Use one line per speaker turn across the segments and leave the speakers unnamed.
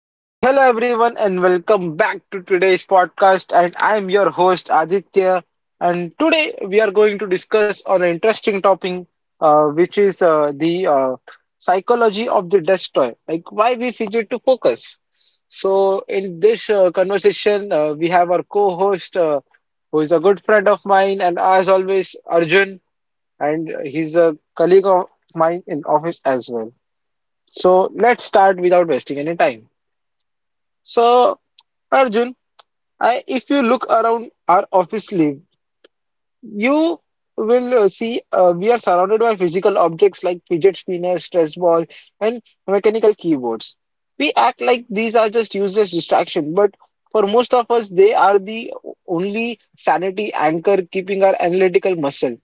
So, hello everyone, and welcome back to today's podcast. And I'm your host Aditya. And today we are going to discuss on an interesting topic, which is the psychology of the destroy, like why we fidget to focus. So, in this conversation, we have our co-host, who is a good friend of mine, and as always, Arjun, and he's a colleague of mine in office as well. So, let's start without wasting any time. So, Arjun, if you look around our office live, you will see we are surrounded by physical objects like fidget spinners, stress ball, and mechanical keyboards. We act like these are just useless distraction, but for most of us, they are the only sanity anchor keeping our analytical muscle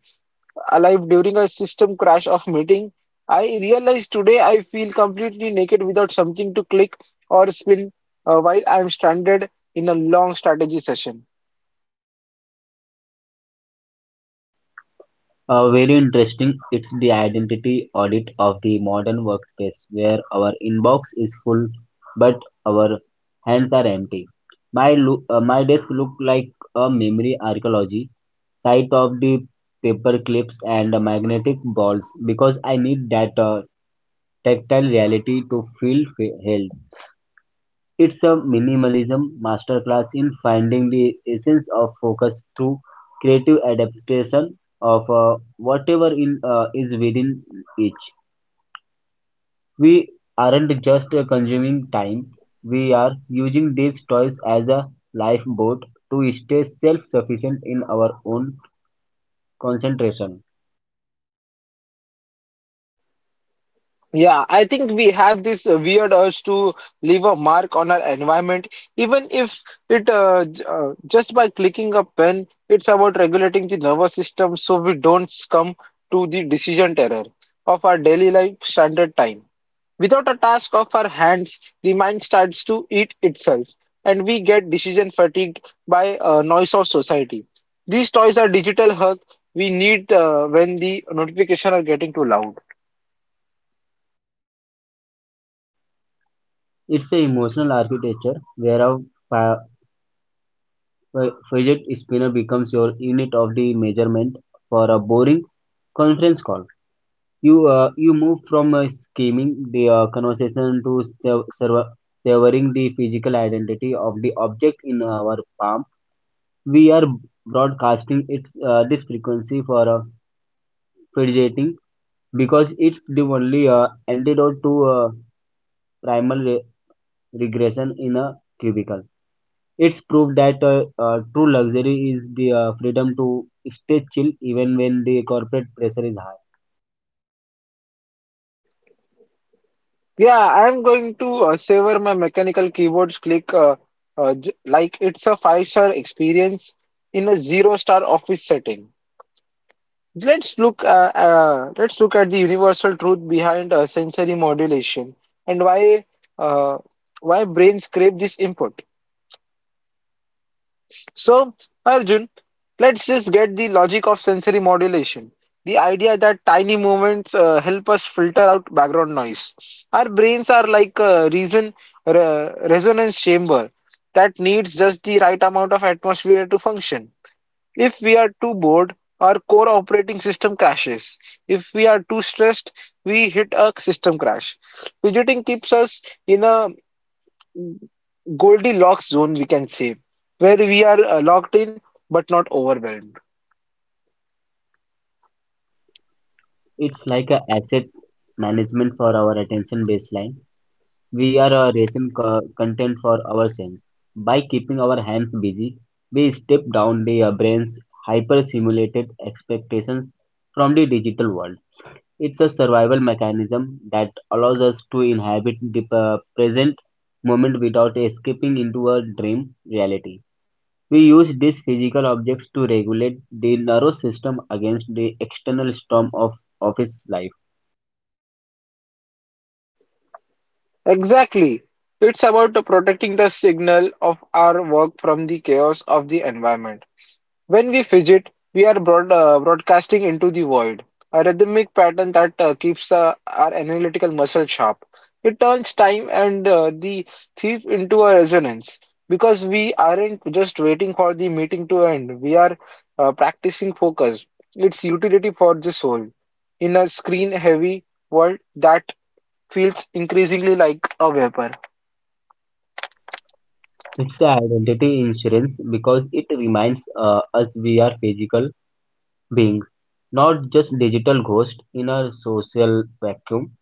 alive during a system crash of meeting. I realize today I feel completely naked without something to click or spin while I'm stranded in a long strategy session.
Very interesting. It's the identity audit of the modern workspace where our inbox is full but our hands are empty. My desk looked like a memory archaeology site of the paper clips and magnetic balls because I need that tactile reality to feel held. It's a minimalism masterclass in finding the essence of focus through creative adaptation of whatever is within each. We aren't just consuming time, we are using these toys as a lifeboat to stay self sufficient in our own concentration.
Yeah, I think we have this weird urge to leave a mark on our environment, even if it just by clicking a pen, it's about regulating the nervous system so we don't succumb to the decision terror of our daily life standard time. Without a task of our hands, the mind starts to eat itself, and we get decision fatigued by noise of society. These toys are digital hug we need when the notification are getting too loud.
It's the emotional architecture where a fi- fidget spinner becomes your unit of the measurement for a boring conference call. You move from scheming the conversation to sev- serv- severing the physical identity of the object in our palm. We are broadcasting this frequency for fidgeting because it's the only antidote to primal re- regression in a cubicle. It's proof that true luxury is the freedom to stay chill even when the corporate pressure is high.
Yeah, I'm going to savor my mechanical keyboards click like it's a five-star experience in a zero-star office setting. Let's look at the universal truth behind sensory modulation and uh, why brains crave this input. So, Arjun, let's just get the logic of sensory modulation. The idea that tiny movements help us filter out background noise. Our brains are like a reason re resonance chamber that needs just the right amount of atmosphere to function. If we are too bored, our core operating system crashes. If we are too stressed, we hit a system crash. Fidgeting keeps us in a Goldilocks zone, we can say, where we are locked in but not overwhelmed.
It's like an asset management for our attention baseline. We are a content for our ourselves. By keeping our hands busy, we step down the brain's hyper-simulated expectations from the digital world. It's a survival mechanism that allows us to inhabit the present moment without escaping into a dream reality. We use these physical objects to regulate the nervous system against the external storm of office life.
Exactly. It's about protecting the signal of our work from the chaos of the environment. When we fidget, we are broadcasting into the void, a rhythmic pattern that keeps our analytical muscle sharp. It turns time and the thief into a resonance because we aren't just waiting for the meeting to end, we are practicing focus, its utility for the soul. In a screen heavy world that feels increasingly like a vapor.
It's the identity insurance because it reminds us we are physical beings, not just digital ghosts in a social vacuum.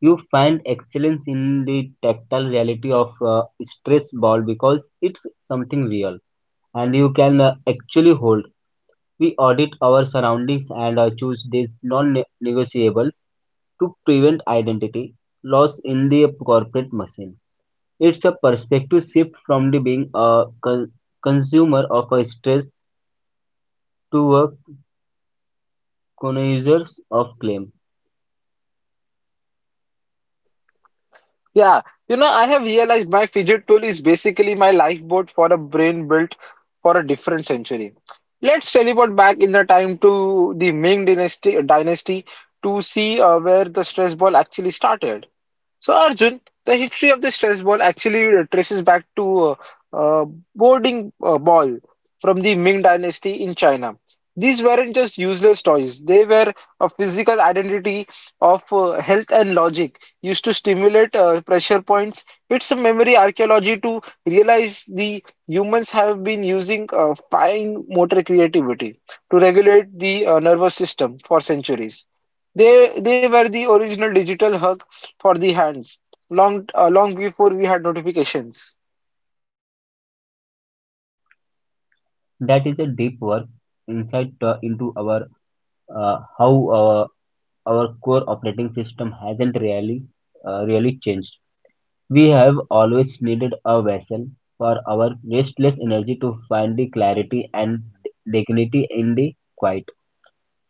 You find excellence in the tactile reality of stress ball because it's something real and you can actually hold. We audit our surroundings and choose these non-negotiables to prevent identity loss in the corporate machine. It's a perspective shift from the being a consumer of a stress to a connoisseur of claim.
Yeah, you know, I have realized my fidget tool is basically my lifeboat for a brain built for a different century. Let's teleport back in the time to the Ming dynasty to see where the stress ball actually started. So, Arjun, the history of the stress ball actually traces back to uh, boarding ball from the Ming Dynasty in China. These weren't just useless toys, they were a physical identity of health and logic used to stimulate pressure points. It's a memory archaeology to realize the humans have been using fine motor creativity to regulate the nervous system for centuries. They were the original digital hug for the hands long before we had notifications.
That is a deep work insight into our how uh, our core operating system hasn't really really changed. We have always needed a vessel for our restless energy to find the clarity and dignity in the quiet.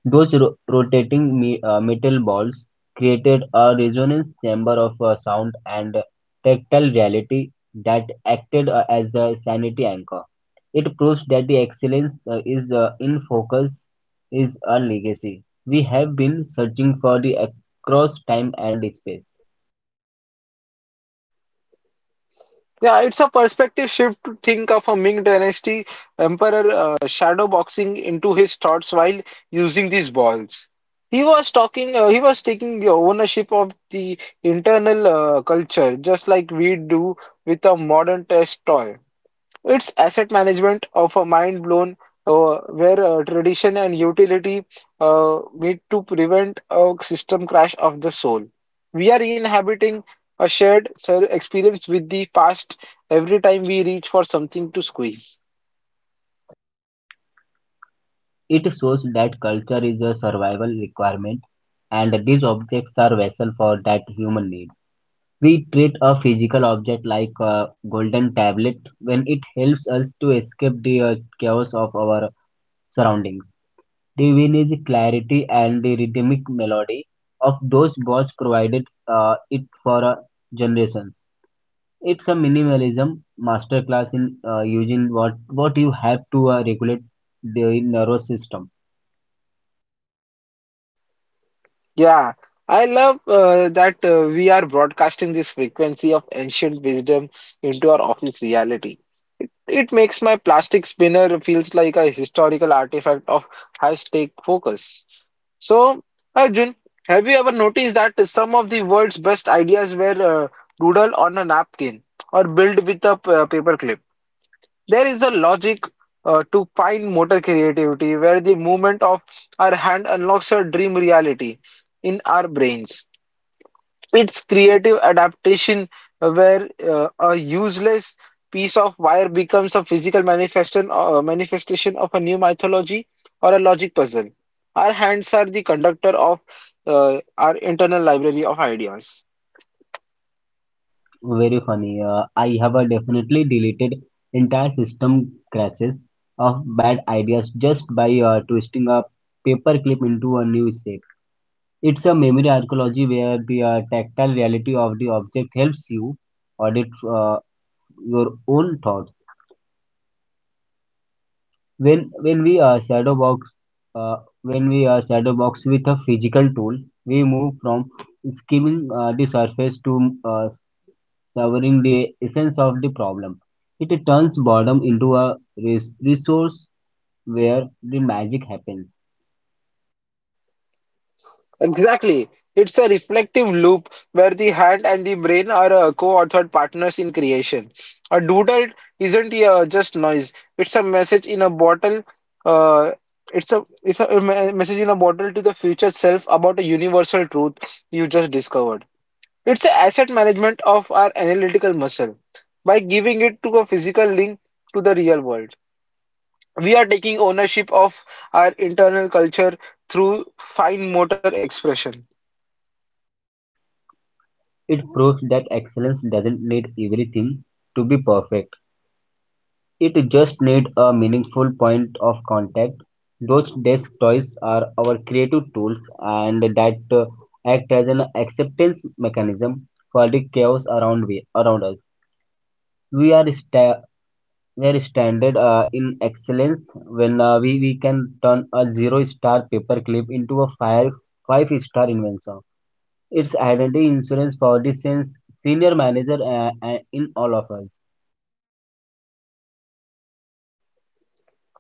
Those rotating metal balls created a resonance chamber of sound and tactile reality that acted as a sanity anchor. It proves that the excellence is in focus is a legacy. We have been searching for the across time and space.
Yeah, it's a perspective shift to think of a Ming Dynasty emperor shadow boxing into his thoughts while using these balls. He was talking. He was taking the ownership of the internal culture, just like we do with a modern test toy. It's asset management of a mind blown where tradition and utility meet to prevent a system crash of the soul. We are inhabiting a experience with the past every time we reach for something to squeeze.
It shows that culture is a survival requirement and these objects are vessel for that human need. We treat a physical object like a golden tablet when it helps us to escape the chaos of our surroundings. The vintage clarity and the rhythmic melody of those boards provided it for generations. It's a minimalism masterclass in using what you have to regulate the nervous system.
Yeah, I love that we are broadcasting this frequency of ancient wisdom into our office reality. It makes my plastic spinner feels like a historical artifact of high-stake focus. So, Arjun, have you ever noticed that some of the world's best ideas were doodled on a napkin or built with a paper clip? There is a logic to fine motor creativity where the movement of our hand unlocks a dream reality in our brains. It's creative adaptation where a useless piece of wire becomes a manifestation of a new mythology or a logic puzzle. Our hands are the conductor of our internal library of ideas.
Very funny. I have definitely deleted entire system crashes of bad ideas just by twisting a paperclip into a new shape. It's a memory archaeology where the tactile reality of the object helps you audit your own thoughts. When we shadow box uh, when we shadow box with a physical tool, we move from skimming the surface to severing the essence of the problem. It turns boredom into a resource where the magic happens.
Exactly. It's a reflective loop where the hand and the brain are co-authored partners in creation. A doodle isn't just noise. It's a message in a bottle. Uh, message in a bottle to the future self about a universal truth you just discovered. It's a asset management of our analytical muscle. By giving it to a physical link to the real world, we are taking ownership of our internal culture through fine motor expression.
It proves that excellence doesn't need everything to be perfect. It just needs a meaningful point of contact. Those desk toys are our creative tools and that act as an acceptance mechanism for the chaos around us. We are sta we standard in excellence when we can turn a zero star paperclip into a five-star invention. It's identity insurance for the sense senior manager in all of us.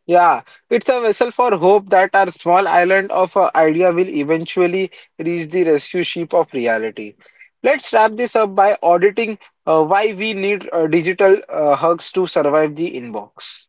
Yeah, it's a vessel for hope that our small island of idea will eventually reach the rescue ship of reality. Let's wrap this up by auditing why we need digital hugs to survive the inbox.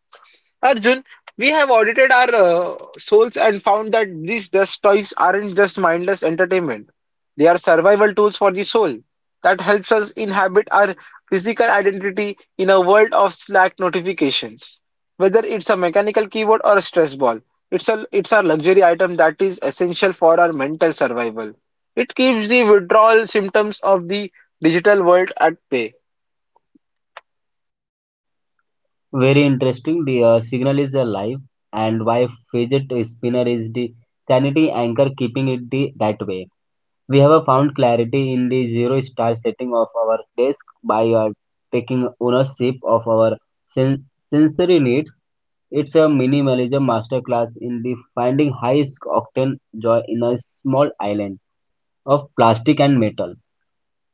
Arjun, we have audited our souls and found that these dust toys aren't just mindless entertainment. They are survival tools for the soul that helps us inhabit our physical identity in a world of Slack notifications. Whether it's a mechanical keyboard or a stress ball, it's a luxury item that is essential for our mental survival. It keeps the withdrawal symptoms of the digital world at bay.
Very interesting. The signal is alive, and why fidget spinner is the sanity anchor keeping that way. We have found clarity in the zero star setting of our desk by taking ownership of our sen- sensory needs. It's a minimalism masterclass in the finding high octane joy in a small island of plastic and metal.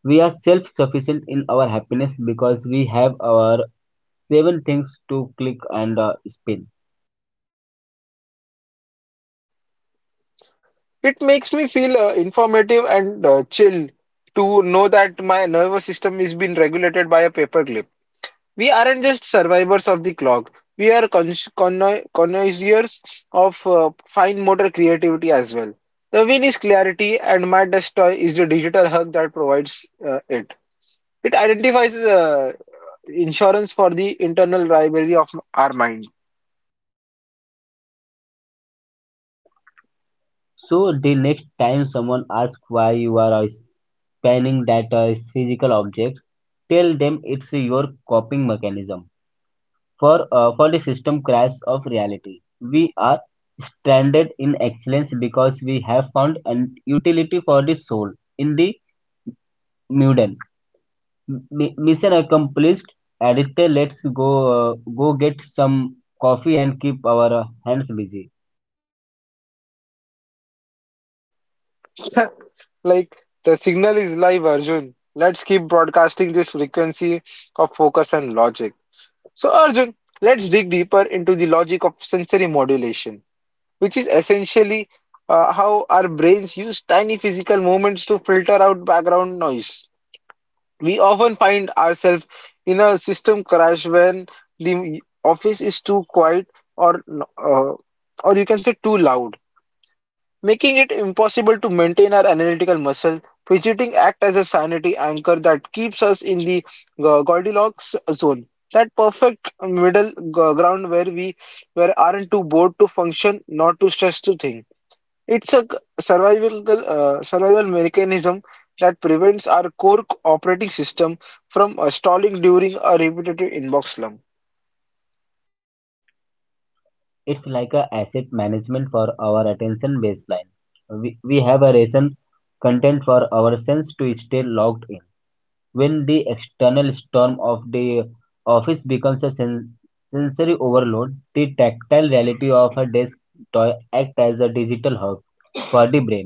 We are self sufficient in our happiness because we have our seven things to click and spin.
It makes me feel informative and chill to know that my nervous system is being regulated by a paperclip. We aren't just survivors of the clock. We are connoisseurs of fine motor creativity as well. The win is clarity, and my desk toy is the digital hug that provides it. It identifies insurance for the internal rivalry of our mind.
So, the next time someone asks why you are spinning that physical object, tell them it's your coping mechanism. For the system crash of reality, we are stranded in excellence because we have found an utility for the soul in the Mudan. M- Mission accomplished. Aditya, let's go get some coffee and keep our hands busy.
Like, the signal is live, Arjun. Let's keep broadcasting this frequency of focus and logic. So, Arjun, let's dig deeper into the logic of sensory modulation, which is essentially how our brains use tiny physical movements to filter out background noise. We often find ourselves in a system crash when the office is too quiet or, uh, or you can say too loud making it impossible to maintain our analytical muscle. Fidgeting act as a sanity anchor that keeps us in the Goldilocks zone, that perfect ground where we where aren't too bored to function, not too stressed to think. It's a survival mechanism that prevents our core operating system from stalling during a repetitive inbox slump.
It's like a asset management for our attention baseline. We have a ration content for our sense to stay logged in. When the external storm of the office becomes a sensory overload, the tactile reality of a desk toy acts as a digital hub for the brain.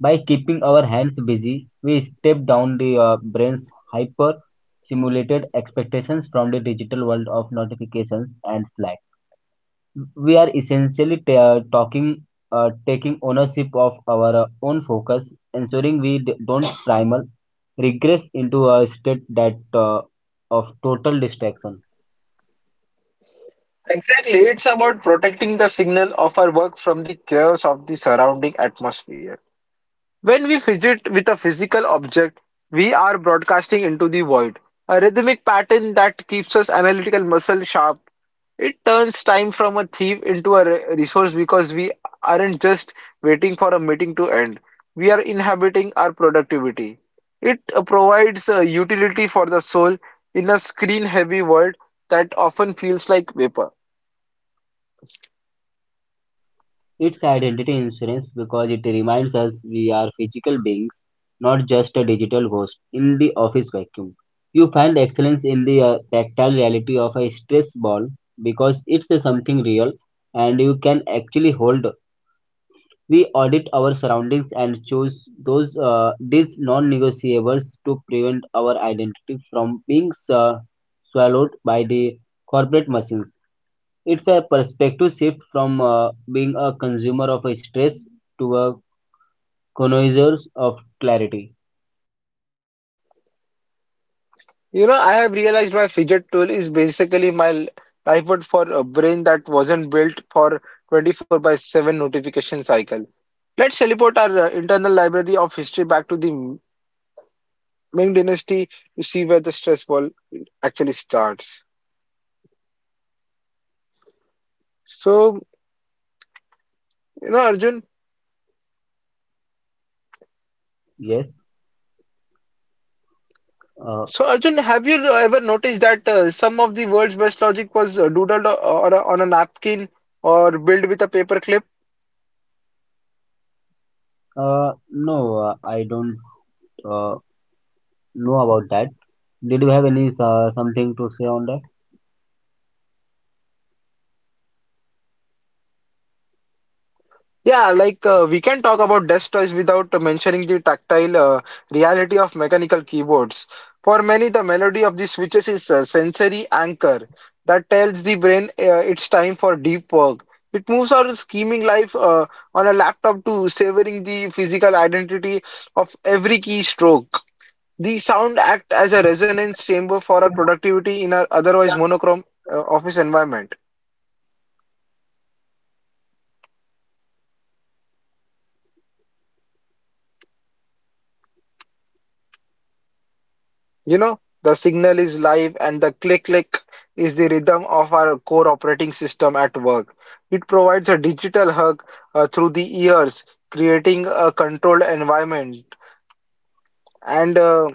By keeping our hands busy, we step down the brain's hyper simulated expectations from the digital world of notifications and Slack. We are essentially ta- talking taking ownership of our own focus, ensuring we don't primal regress into a state that of total distraction.
Exactly, it's about protecting the signal of our work from the chaos of the surrounding atmosphere. When we fidget with a physical object, we are broadcasting into the void, a rhythmic pattern that keeps us analytical muscle sharp. It turns time from a thief into a resource because we aren't just waiting for a meeting to end. We are inhabiting our productivity. It provides a utility for the soul in a screen-heavy world that often feels like vapor.
It's identity insurance because it reminds us we are physical beings, not just a digital ghost in the office vacuum. You find excellence in the tactile reality of a stress ball because it's something real and you can actually hold. We audit our surroundings and choose those these non-negotiables to prevent our identity from being swallowed by the corporate machines. It's a perspective shift from being a consumer of a stress to a connoisseur of clarity.
You know, I have realized my fidget tool is basically my life for a brain that wasn't built for 24/7 notification cycle. Let's teleport our internal library of history back to the Ming Dynasty to see where the stress ball actually starts. So, you know, Arjun,
Yes. Uh,
so, Arjun, have you ever noticed that some of the world's best logic was doodled on a napkin or built with a paperclip?
no, I don't uh, know about that. Did you have any something to say on that?
Yeah, like we can talk about desk toys without mentioning the tactile reality of mechanical keyboards. For many, the melody of the switches is a sensory anchor that tells the brain it's time for deep work. It moves our scheming life on a laptop to savoring the physical identity of every keystroke. The sound act as a resonance chamber for our productivity in our otherwise monochrome office environment. You know, the signal is live and the click click is the rhythm of our core operating system at work. It provides a digital hug through the ears, creating a controlled environment. And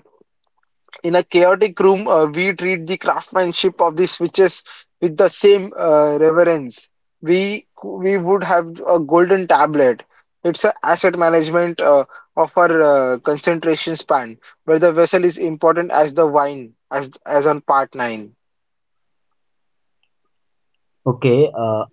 In a chaotic room, we treat the craftsmanship of the switches with the same reverence. We would have a golden tablet. It's an asset management of our concentration span, where the vessel is important as the wine, as on part nine.
Okay.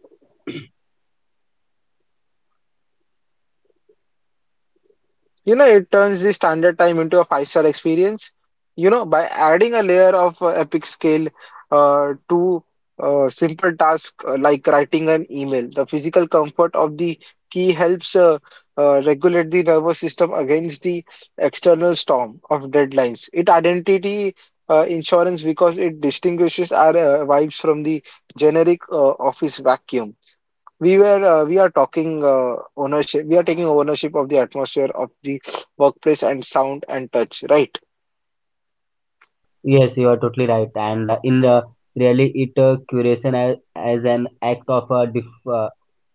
You know, it turns the standard time into a five-star experience. You know, by adding a layer of epic scale to simple tasks like writing an email, the physical comfort of the key helps regulate the nervous system against the external storm of deadlines. It identity insurance because it distinguishes our vibes from the generic office vacuum we are talking ownership. We are taking ownership of the atmosphere of the workplace and sound and touch, right?
Yes, you are totally right. And in the really, it curation as an act of uh,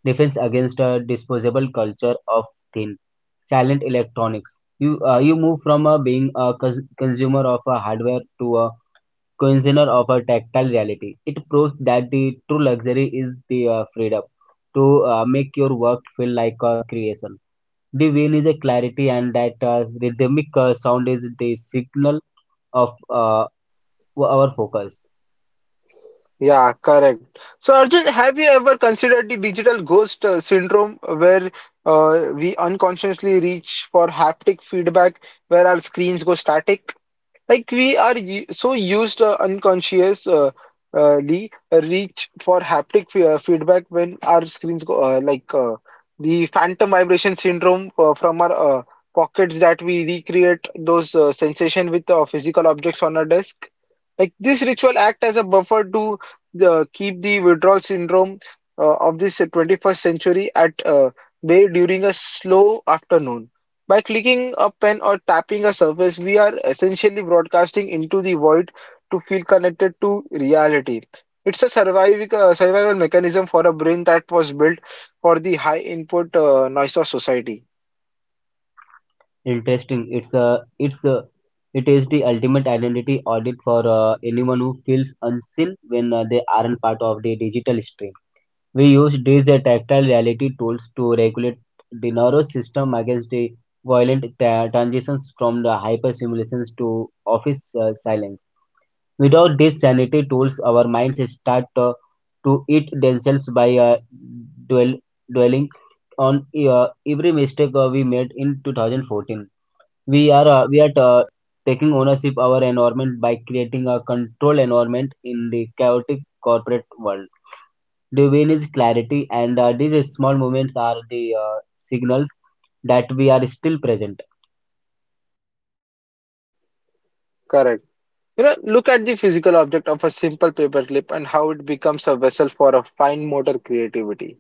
defense against a disposable culture of thin, silent electronics. You move from being a consumer of a hardware to a consumer of a tactile reality. It proves that the true luxury is the freedom to make your work feel like a creation. The win is a clarity, and that rhythmic sound is the signal of our focus.
Yeah, correct. So Arjun, have you ever considered the digital ghost syndrome where we unconsciously reach for haptic feedback where our screens go static? Like we are u- so used unconscious Lee, reach for haptic feedback when our screens go the phantom vibration syndrome from our pockets, that we recreate those sensation with physical objects on our desk. Like this ritual act as a buffer to keep the withdrawal syndrome of this 21st century at bay during a slow afternoon. By clicking a pen or tapping a surface, we are essentially broadcasting into the void to feel connected to reality. It's a survival mechanism for a brain that was built for the high input noise of society.
Interesting. It is the ultimate identity audit for anyone who feels unseen when they aren't part of the digital stream. We use these tactile reality tools to regulate the nervous system against the violent transitions from the hyper simulations to office silence. Without these sanity tools, our minds start to eat themselves by dwell- dwelling on every mistake we made in 2014. We are Taking ownership our environment by creating a control environment in the chaotic corporate world. The win is clarity, and these small movements are the signals that we are still present.
Correct. You know, look at the physical object of a simple paperclip and how it becomes a vessel for a fine motor creativity.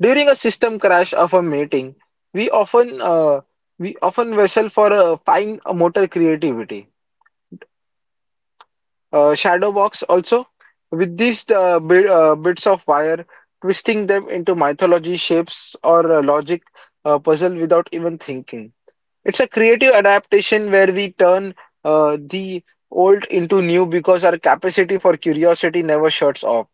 During a system crash of a meeting, we often uh, we often vessel for a fine motor creativity shadow box also with these bits of wire, twisting them into mythology shapes or logic puzzle without even thinking. It's a creative adaptation where we turn the old into new, because our capacity for curiosity never shuts off.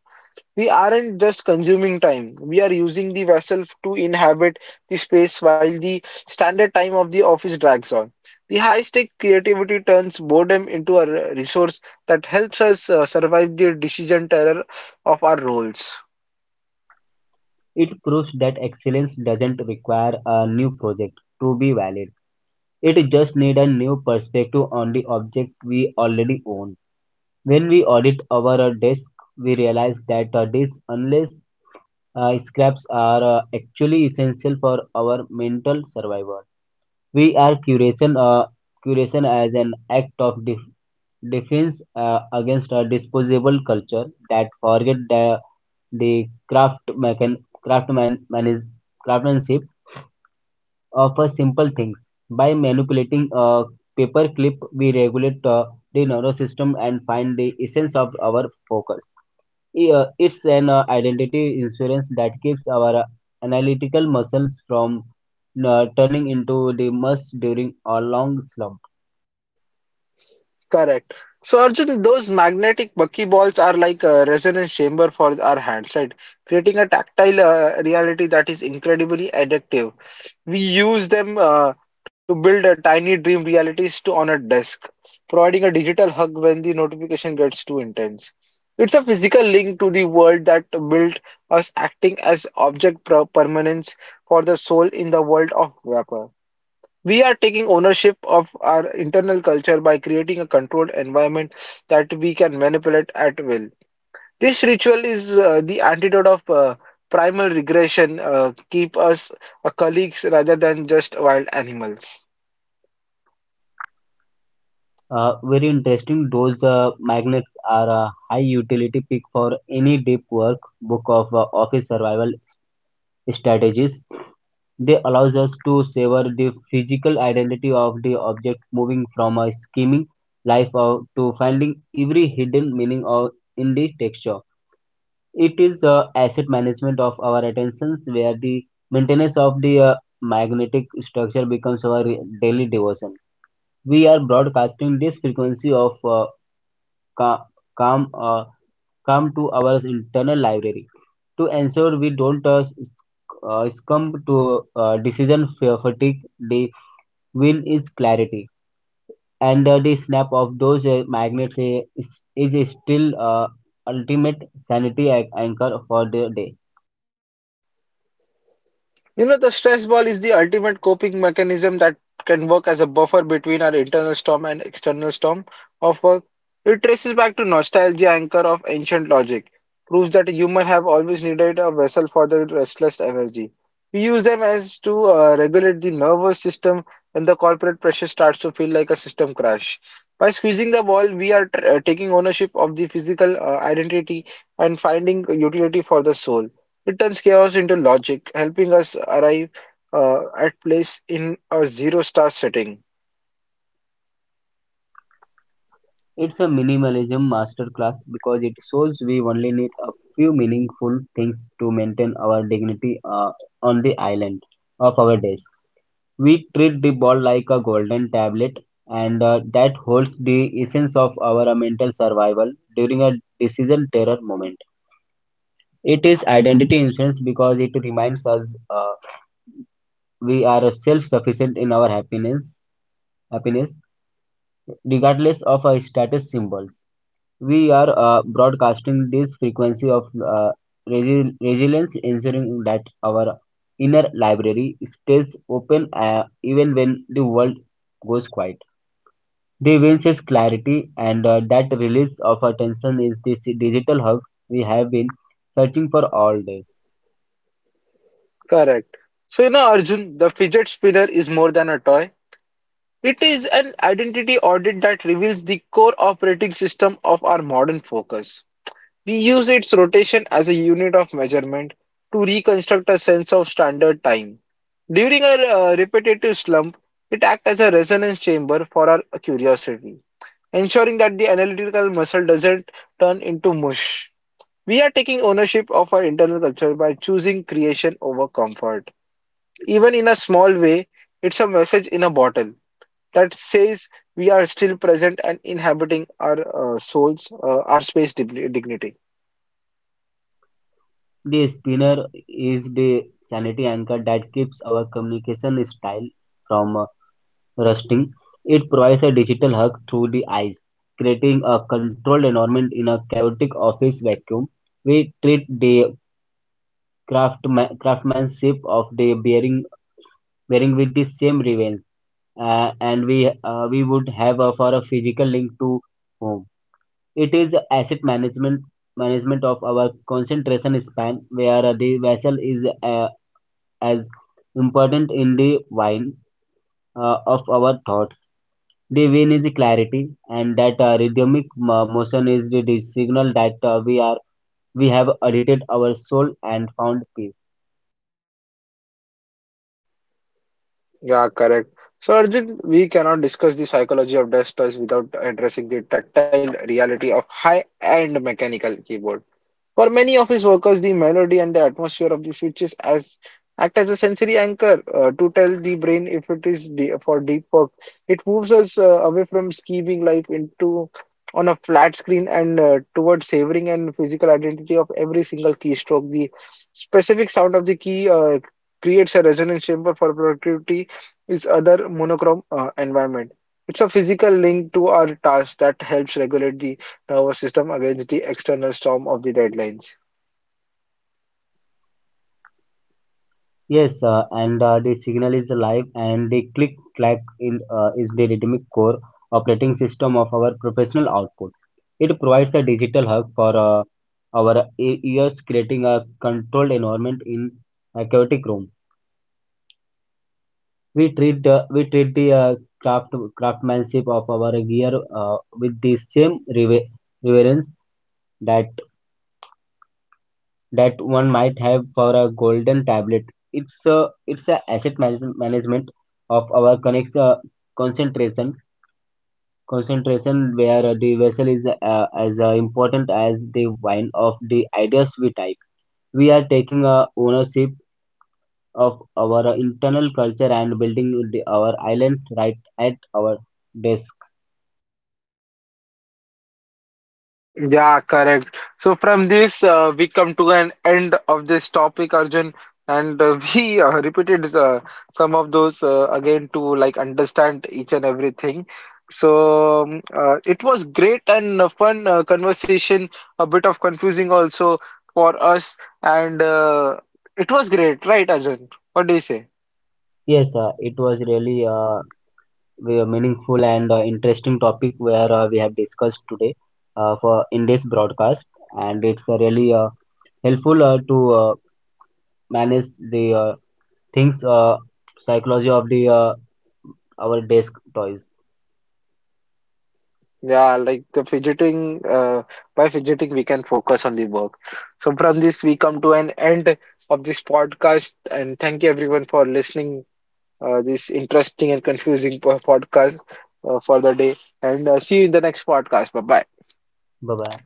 We aren't just consuming time, we are using the vessel to inhabit the space while the standard time of the office drags on. The high stake creativity turns boredom into a resource that helps us survive the decision terror of our roles.
It proves that excellence doesn't require a new project to be valid. It just needs a new perspective on the object we already own. When we audit over a desk, we realize that these unless scraps are actually essential for our mental survival. We are curation as an act of defense against a disposable culture that forget the craftsmanship offer simple things. By manipulating a paper clip, we regulate the nervous system and find the essence of our focus. It's an identity insurance that keeps our analytical muscles from turning into the must during a long slump.
Correct. So Arjun, those magnetic buckyballs are like a resonance chamber for our hands, right? Creating a tactile reality that is incredibly addictive. We use them to build a tiny dream realities to on a desk, providing a digital hug when the notification gets too intense. It's a physical link to the world that built us, acting as object permanence for the soul in the world of vapor. We are taking ownership of our internal culture by creating a controlled environment that we can manipulate at will. This ritual is the antidote of primal regression, keep us colleagues rather than just wild animals.
Very interesting. Those magnets are a high utility pick for any deep work book of office survival strategies. They allows us to savor the physical identity of the object, moving from a scheming to finding every hidden meaning in the texture. It is asset management of our attentions, where the maintenance of the magnetic structure becomes our daily devotion. We are broadcasting this frequency of ca- calm, uh, calm to our internal library to ensure we don't succumb to decision fatigue. The will is clarity, and the snap of those magnets is still ultimate sanity anchor for the day.
You know, the stress ball is the ultimate coping mechanism that can work as a buffer between our internal storm and external storm of work. It traces back to nostalgia anchor of ancient logic, proves that humans have always needed a vessel for their restless energy. We use them as to regulate the nervous system when the corporate pressure starts to feel like a system crash. By squeezing the ball, we are taking ownership of the physical identity and finding utility for the soul. It turns chaos into logic, helping us arrive at place in a zero star setting.
It's a minimalism masterclass because it shows we only need a few meaningful things to maintain our dignity on the island of our days. We treat the ball like a golden tablet, and that holds the essence of our mental survival during a decision terror moment. It is identity insurance because it reminds us we are self-sufficient in our happiness, happiness regardless of our status symbols. We are broadcasting this frequency of resilience, ensuring that our inner library stays open even when the world goes quiet. The wins is clarity, and that release of attention is this digital hub we have been searching for all day.
Correct. So, you know, Arjun, the fidget spinner is more than a toy. It is an identity audit that reveals the core operating system of our modern focus. We use its rotation as a unit of measurement to reconstruct a sense of standard time. During a repetitive slump, it acts as a resonance chamber for our curiosity, ensuring that the analytical muscle doesn't turn into mush. We are taking ownership of our internal culture by choosing creation over comfort. Even in a small way, it's a message in a bottle that says we are still present and inhabiting our souls, our space dignity.
The spinner is the sanity anchor that keeps our communication style from rusting. It provides a digital hug through the eyes, creating a controlled environment in a chaotic office vacuum. We treat the craftsmanship of the bearing with the same reverence, and we would have for a physical link to home. It is asset management management of our concentration span, where the vessel is as important in the wine of our thoughts. The wine is clarity, and that rhythmic motion is the signal that we have edited our soul and found peace.
Yeah, correct. So, Arjun, we cannot discuss the psychology of dust without addressing the tactile reality of high-end mechanical keyboard. For many of his workers, the melody and the atmosphere of the switches as act as a sensory anchor to tell the brain if it is for deep work. It moves us away from scheming life into on a flat screen and towards savoring and physical identity of every single keystroke. The specific sound of the key creates a resonance chamber for productivity is other monochrome environment. It's a physical link to our task that helps regulate the our system against the external storm of the deadlines.
Yes, and the signal is alive, and the click clack in is the rhythmic core operating system of our professional output. It provides a digital hug for ears, creating a controlled environment in a chaotic room. We treat the craftsmanship of our gear with the same reverence that one might have for a golden tablet. It's a it's a asset management of our connect concentration concentration where the vessel is as important as the wine of the ideas we type. We are taking ownership of our internal culture and building our island right at our desk.
Yeah, correct. So from this, we come to an end of this topic, Arjun, and we repeated some of those again to like understand each and everything. So it was great and fun conversation, a bit of confusing also for us, and it was great, right, Arjun? What do you say?
Yes, it was really very meaningful and interesting topic where we have discussed today for in this broadcast, and it's really helpful to manage the things psychology of the our desk toys.
Yeah, like the fidgeting, by fidgeting, we can focus on the work. So, from this, we come to an end of this podcast. And thank you everyone for listening this interesting and confusing podcast for the day. And see you in the next podcast. Bye bye.
Bye bye.